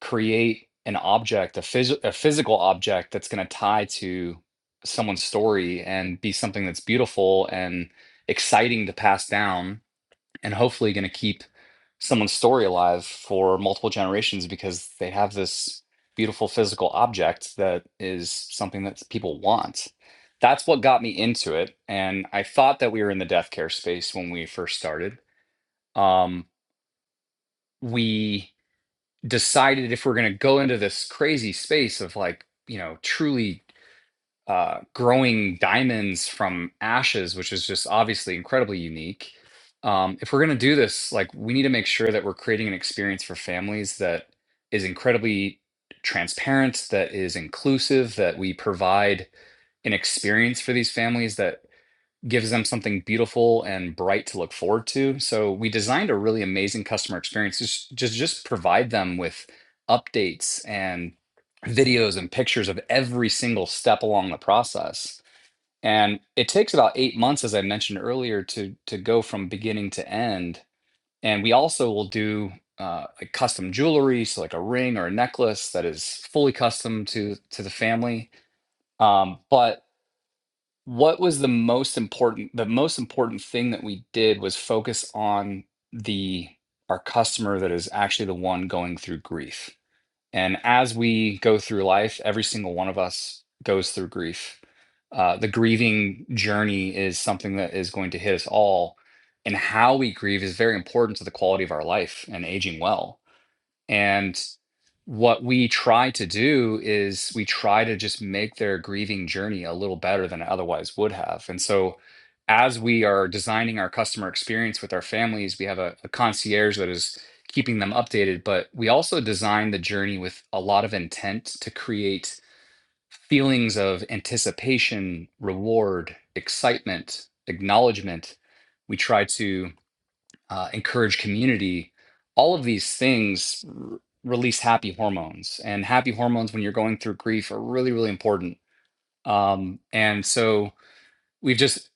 create an object, a, phys- a physical object that's going to tie to someone's story and be something that's beautiful and exciting to pass down, and hopefully going to keep someone's story alive for multiple generations because they have this beautiful physical object that is something that people want. That's what got me into it. And I thought that we were in the death care space when we first started. Um, we decided if we're going to go into this crazy space of like you know truly uh, growing diamonds from ashes which is just obviously incredibly unique um, if we're going to do this like we need to make sure that we're creating an experience for families that is incredibly transparent that is inclusive that we provide an experience for these families that gives them something beautiful and bright to look forward to. So we designed a really amazing customer experience to just just, just provide them with updates and videos and pictures of every single step along the process. And it takes about 8 months as I mentioned earlier to to go from beginning to end. And we also will do uh, like custom jewelry, so like a ring or a necklace that is fully custom to to the family. Um, but what was the most important the most important thing that we did was focus on the our customer that is actually the one going through grief and as we go through life every single one of us goes through grief uh, the grieving journey is something that is going to hit us all and how we grieve is very important to the quality of our life and aging well and what we try to do is we try to just make their grieving journey a little better than it otherwise would have. And so, as we are designing our customer experience with our families, we have a, a concierge that is keeping them updated, but we also design the journey with a lot of intent to create feelings of anticipation, reward, excitement, acknowledgement. We try to uh, encourage community, all of these things r- release happy hormones. And happy hormones, when you're going through grief, are really, really important. Um, and so, we've just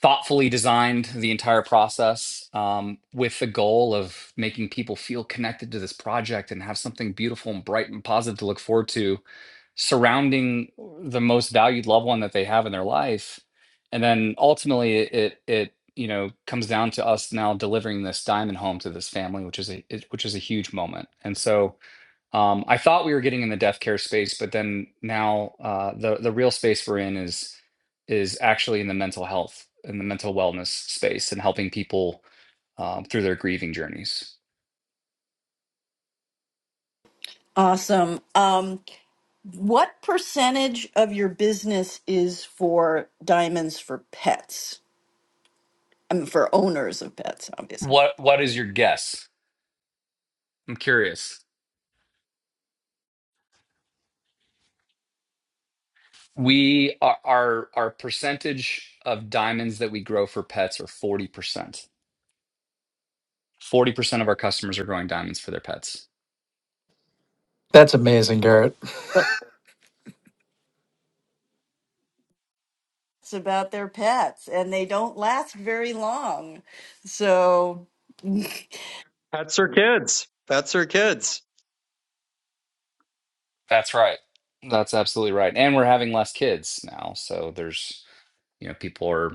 thoughtfully designed the entire process um, with the goal of making people feel connected to this project and have something beautiful and bright and positive to look forward to surrounding the most valued loved one that they have in their life and then ultimately it it, it you know comes down to us now delivering this diamond home to this family which is a it, which is a huge moment and so um, I thought we were getting in the death care space, but then now uh, the the real space we're in is is actually in the mental health and the mental wellness space and helping people um, through their grieving journeys. Awesome. Um, what percentage of your business is for diamonds for pets? I mean, for owners of pets, obviously. What what is your guess? I'm curious. We are our our percentage of diamonds that we grow for pets are 40%. 40% of our customers are growing diamonds for their pets. That's amazing, Garrett. Well- It's about their pets, and they don't last very long. So, (laughs) Pets are kids. Pets are kids. That's right. That's absolutely right. And we're having less kids now, so there's you know people are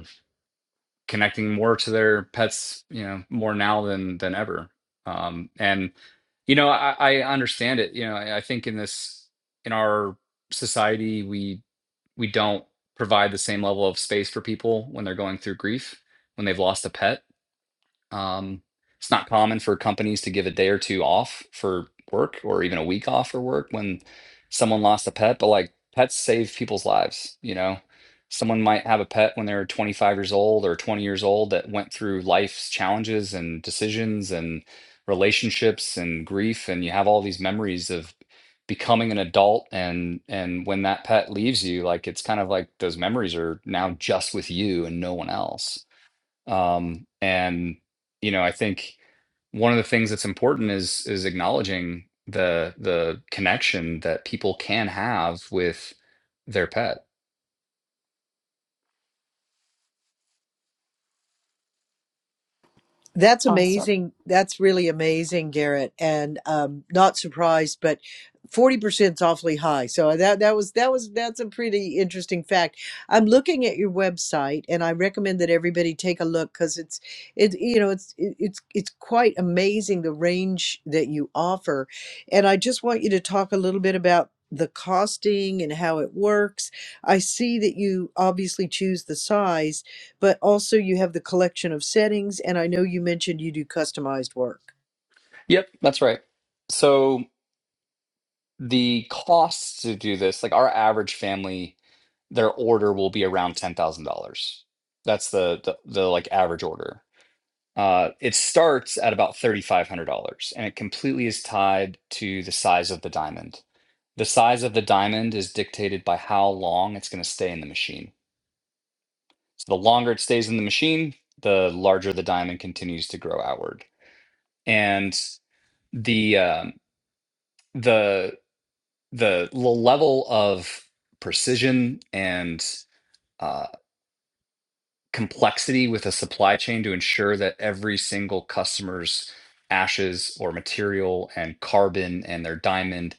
connecting more to their pets, you know, more now than than ever. Um, and you know, I, I understand it. You know, I, I think in this in our society, we we don't provide the same level of space for people when they're going through grief when they've lost a pet um, it's not common for companies to give a day or two off for work or even a week off for work when someone lost a pet, but like pets save people's lives, you know. Someone might have a pet when they were 25 years old or 20 years old that went through life's challenges and decisions and relationships and grief and you have all these memories of becoming an adult and and when that pet leaves you like it's kind of like those memories are now just with you and no one else um, and you know, I think one of the things that's important is is acknowledging the the connection that people can have with their pet. That's awesome. amazing. That's really amazing, Garrett, and um, not surprised, but forty percent is awfully high. So uh, that that was that was that's a pretty interesting fact. I'm looking at your website, and I recommend that everybody take a look because it's it you know it's it, it's it's quite amazing the range that you offer, and I just want you to talk a little bit about the costing and how it works. I see that you obviously choose the size but also you have the collection of settings. And I know you mentioned you do customized work. Yep, that's right. So the costs to do this, like our average family, their order will be around ten thousand dollars. That's the, the the like average order. Uh, it starts at about $3,500 and it completely is tied to the size of the diamond. The size of the diamond is dictated by how long it's going to stay in the machine. So the longer it stays in the machine, the larger the diamond continues to grow outward. And the um the the level of precision and uh, complexity with a supply chain to ensure that every single customer's ashes or material and carbon and their diamond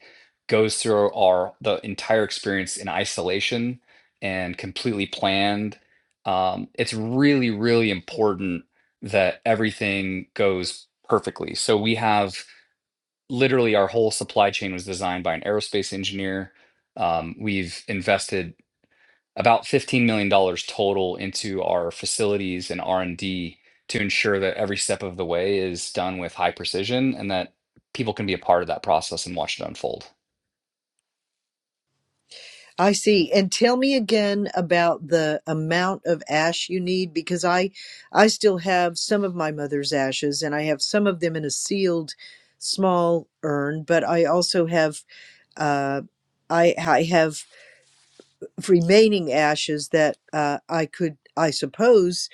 goes through our the entire experience in isolation and completely planned um, it's really really important that everything goes perfectly so we have literally our whole supply chain was designed by an aerospace engineer um, we've invested about $15 million dollars total into our facilities and R&D to ensure that every step of the way is done with high precision and that people can be a part of that process and watch it unfold. I see. And tell me again about the amount of ash you need because I I still have some of my mother's ashes and I have some of them in a sealed small urn, but I also have uh I I have remaining ashes that uh I could I suppose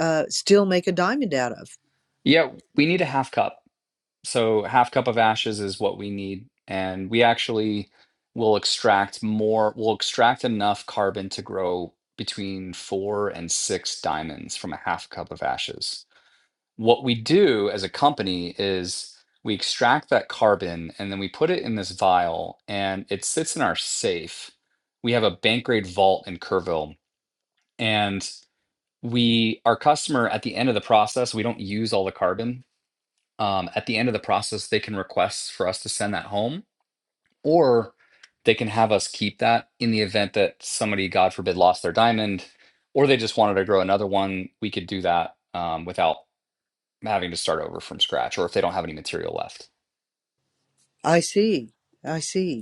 uh still make a diamond out of. Yeah, we need a half cup. So half cup of ashes is what we need and we actually will extract more we'll extract enough carbon to grow between 4 and 6 diamonds from a half cup of ashes. What we do as a company is we extract that carbon and then we put it in this vial and it sits in our safe. We have a bank grade vault in Kerrville. And we, our customer at the end of the process, we don't use all the carbon. Um, at the end of the process, they can request for us to send that home or they can have us keep that in the event that somebody, God forbid, lost their diamond or they just wanted to grow another one. We could do that um, without having to start over from scratch or if they don't have any material left. I see. I see.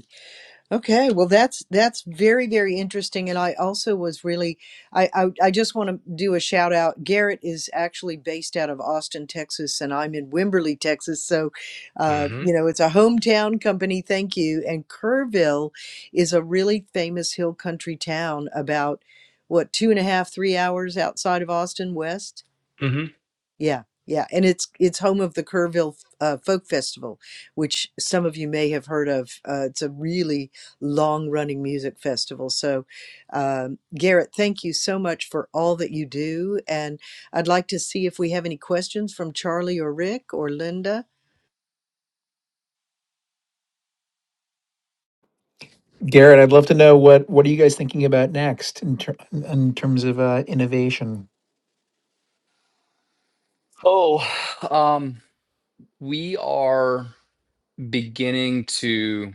Okay, well, that's that's very very interesting, and I also was really I I, I just want to do a shout out. Garrett is actually based out of Austin, Texas, and I'm in Wimberley, Texas. So, uh, you Mm-hmm. know, it's a hometown company. Thank you. And Kerrville is a really famous hill country town, about what two and a half three hours outside of Austin West Mm-hmm. yeah, yeah, and it's it's home of the Kerrville uh, Folk Festival, which some of you may have heard of. Uh, it's a really long running music festival. So, um, Garrett, thank you so much for all that you do, and I'd like to see if we have any questions from Charlie or Rick or Linda. Garrett, I'd love to know what what are you guys thinking about next in ter- in terms of uh, innovation. Oh, um, we are beginning to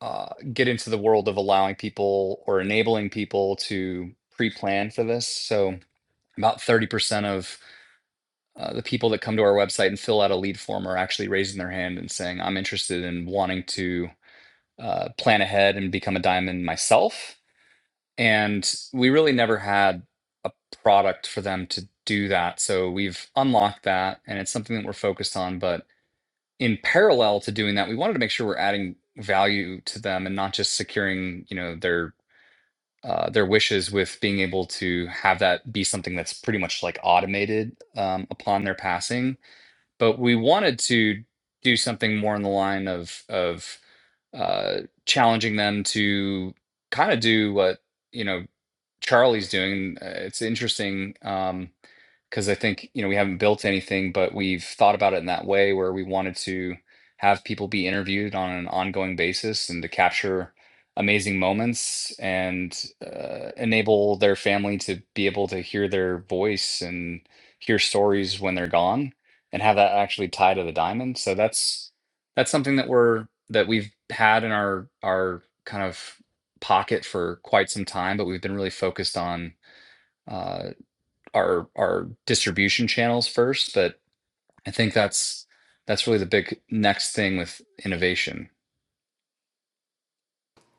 uh, get into the world of allowing people or enabling people to pre-plan for this. So about 30% of uh, the people that come to our website and fill out a lead form are actually raising their hand and saying, I'm interested in wanting to uh, plan ahead and become a diamond myself. and we really never had a product for them to do that so we've unlocked that and it's something that we're focused on but in parallel to doing that we wanted to make sure we're adding value to them and not just securing you know their uh, their wishes with being able to have that be something that's pretty much like automated um, upon their passing but we wanted to do something more in the line of of uh, challenging them to kind of do what you know Charlie's doing. Uh, it's interesting um, because I think, you know, we haven't built anything, but we've thought about it in that way where we wanted to have people be interviewed on an ongoing basis and to capture amazing moments and uh, enable their family to be able to hear their voice and hear stories when they're gone and have that actually tie to the diamond. So that's that's something that we're that we've had in our our kind of pocket for quite some time, but we've been really focused on uh, our our distribution channels first. But I think that's that's really the big next thing with innovation.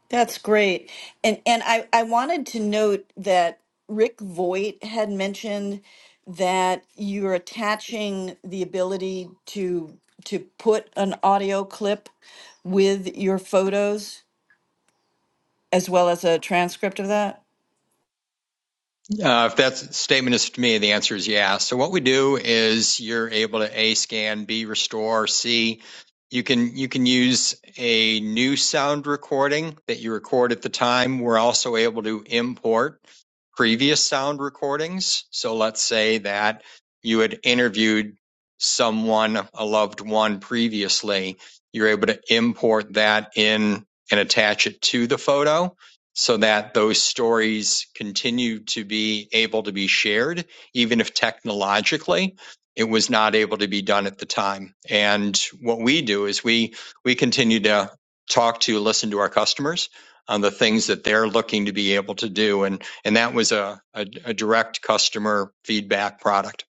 That's great. And and I, I wanted to note that Rick Voigt had mentioned that you're attaching the ability to to put an audio clip with your photos as well as a transcript of that. Uh, if that statement is to me, the answer is yes. So what we do is you're able to A, scan, B, restore, C, you can you can use a new sound recording that you record at the time. We're also able to import previous sound recordings. So let's say that you had interviewed someone, a loved one previously. You're able to import that in and attach it to the photo so that those stories continue to be able to be shared, even if technologically it was not able to be done at the time. And what we do is we we continue to talk to, listen to our customers on the things that they're looking to be able to do. And and that was a, a, a direct customer feedback product.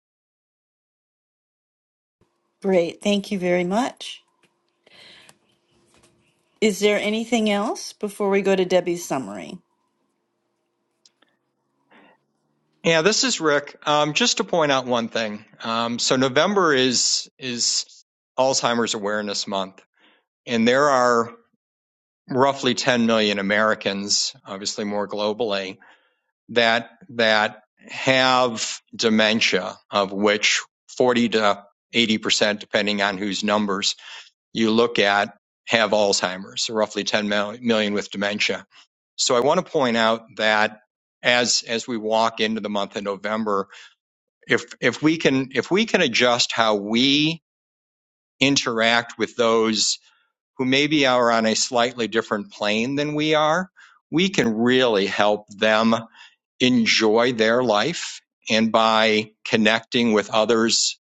Great. Thank you very much. Is there anything else before we go to Debbie's summary? Yeah, this is Rick. Um, just to point out one thing. Um, so November is is Alzheimer's Awareness Month and there are roughly 10 million Americans, obviously more globally, that that have dementia, of which 40 to 80 percent, depending on whose numbers you look at, have Alzheimer's. So roughly 10 million million with dementia. So I want to point out that as as we walk into the month of November, if if we can if we can adjust how we interact with those who maybe are on a slightly different plane than we are, we can really help them enjoy their life. And by connecting with others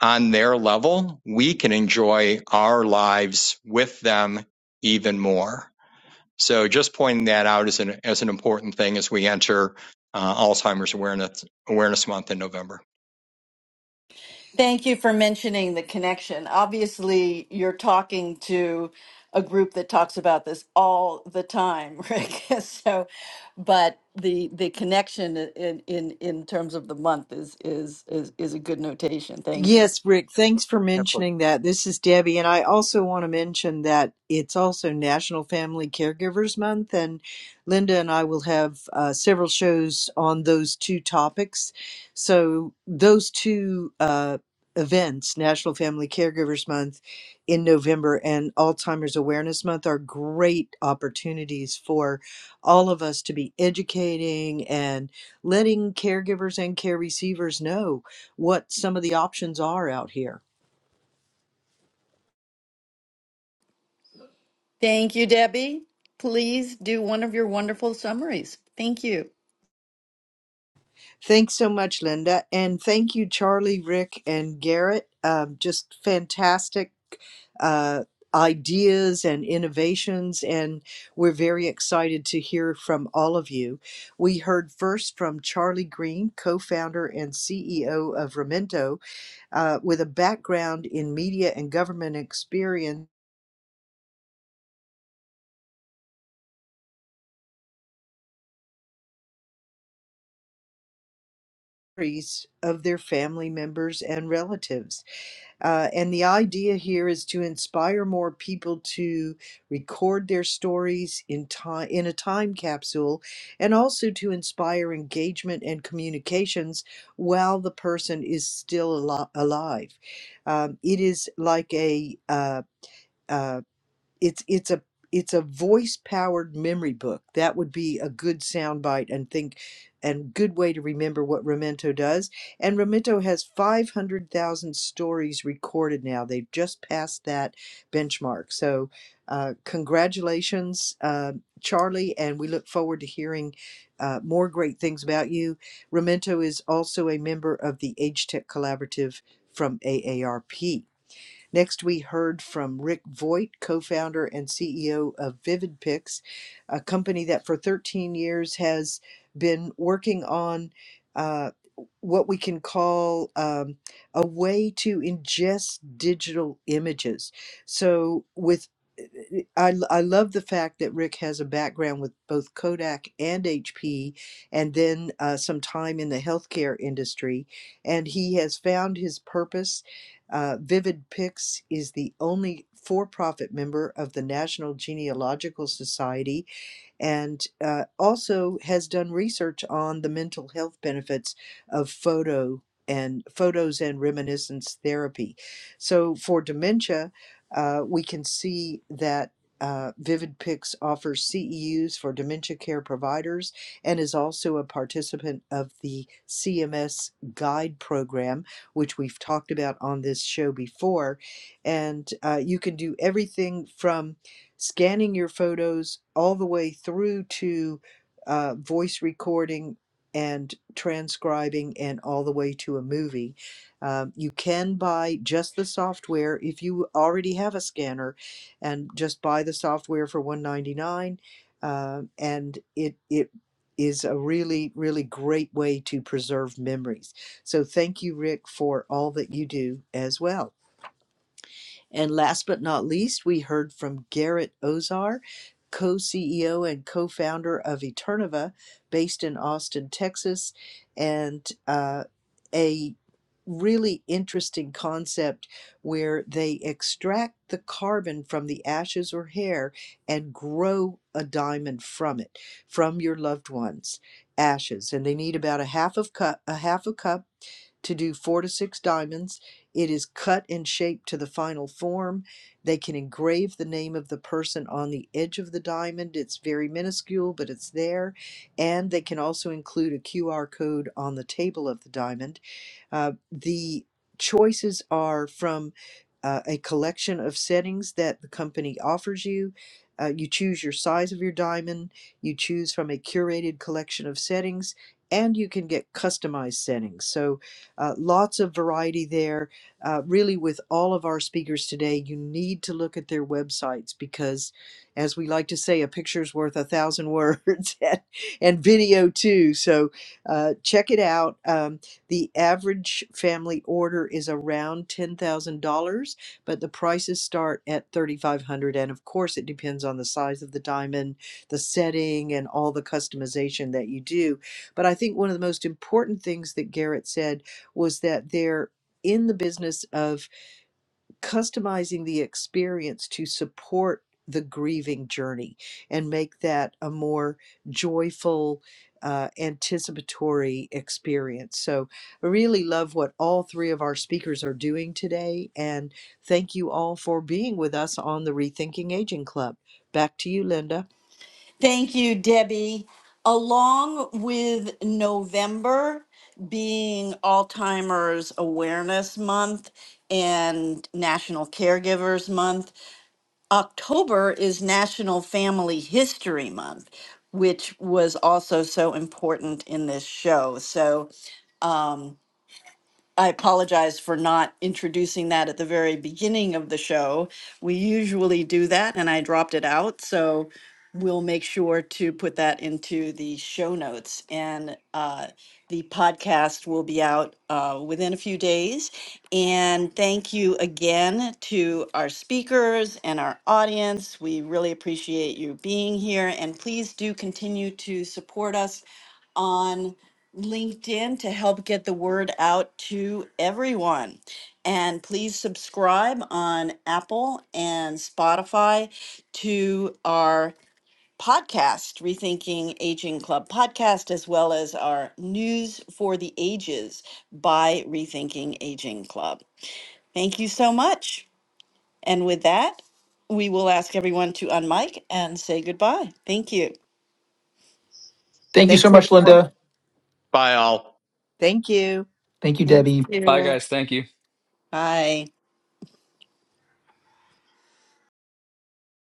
on their level, we can enjoy our lives with them even more. So just pointing that out as an, as an important thing as we enter uh, Alzheimer's Awareness, Awareness Month in November. Thank you for mentioning the connection. Obviously, you're talking to a group that talks about this all the time, (laughs) Rick. so, but the the connection in in in terms of the month is is is is a good notation. Thank you. Yes, Rick, thanks for Yep. mentioning that. This is Debbie, and I also want to mention that it's also National Family Caregivers Month, and Linda and I will have uh, several shows on those two topics. So, those two uh, events, National Family Caregivers Month in November and Alzheimer's Awareness Month, are great opportunities for all of us to be educating and letting caregivers and care receivers know what some of the options are out here. Thank you, Debbie. Please do one of your wonderful summaries. Thank you. Thanks so much, Linda. And thank you, Charlie, Rick, and Garrett. Um, just fantastic uh, ideas and innovations. And we're very excited to hear from all of you. We heard first from Charlie Green, co founder and CEO of Remento, uh, with a background in media and government experience of their family members and relatives. Uh, and the idea here is to inspire more people to record their stories in time in a time capsule, and also to inspire engagement and communications while the person is still al- alive. Um, it is like a uh, uh, it's it's a it's a voice powered memory book that would be a good soundbite and think and good way to remember what Memento does and Memento has 500,000 stories recorded now they've just passed that benchmark so uh, congratulations uh, Charlie and we look forward to hearing uh, more great things about you Memento is also a member of the Age Tech Collaborative from AARP Next, we heard from Rick Voigt, co founder and CEO of Vivid Picks, a company that for 13 years has been working on uh, what we can call um, a way to ingest digital images. So, with I I love the fact that Rick has a background with both Kodak and HP, and then uh, some time in the healthcare industry. And he has found his purpose. Uh, Vivid Pics is the only for profit member of the National Genealogical Society and uh, also has done research on the mental health benefits of photo and photos and reminiscence therapy. So for dementia, uh, we can see that uh, Vivid Pics offers CEUs for dementia care providers and is also a participant of the CMS Guide Program, which we've talked about on this show before. And uh, you can do everything from scanning your photos all the way through to uh, voice recording and transcribing and all the way to a movie. Um, you can buy just the software if you already have a scanner and just buy the software for 199 uh, and it it is a really really great way to preserve memories so thank you rick for all that you do as well and last but not least, we heard from Garrett Ozar, co CEO and co founder of Eternova, based in Austin, Texas, and uh, a really interesting concept where they extract the carbon from the ashes or hair and grow a diamond from it from your loved ones ashes and they need about a half of cup a half a cup to do four to six diamonds. It is cut and shaped to the final form. They can engrave the name of the person on the edge of the diamond. It's very minuscule, but it's there. And they can also include a QR code on the table of the diamond. Uh, the choices are from uh, a collection of settings that the company offers you. Uh, you choose your size of your diamond, you choose from a curated collection of settings, and you can get customized settings. So, uh, lots of variety there. Uh, really, with all of our speakers today, you need to look at their websites because, as we like to say, a picture's worth a thousand words (laughs) and, and video too. So, uh, check it out. Um, the average family order is around $10,000, but the prices start at 3500 and of course it depends on the size of the diamond, the setting and all the customization that you do. But I think one of the most important things that Garrett said was that they're in the business of customizing the experience to support the grieving journey and make that a more joyful, uh, anticipatory experience. So, I really love what all three of our speakers are doing today. And thank you all for being with us on the Rethinking Aging Club. Back to you, Linda. Thank you, Debbie. Along with November being Alzheimer's Awareness Month and National Caregivers Month, October is National Family History Month, which was also so important in this show. So I apologize for not introducing that at the very beginning of the show. We usually do that, and I dropped it out. So we'll make sure to put that into the show notes. And uh, the podcast will be out uh, within a few days. And thank you again to our speakers and our audience. We really appreciate you being here. And please do continue to support us on. LinkedIn to help get the word out to everyone. And please subscribe on Apple and Spotify to our podcast, Rethinking Aging Club podcast, as well as our News for the Ages by Rethinking Aging Club. Thank you so much. And with that, we will ask everyone to unmic and say goodbye. Thank you. Thank you so Thanks, much, everyone. Linda. Bye all. Thank you. Thank you, Thank Debbie. Bye, you. guys. Thank you. Bye.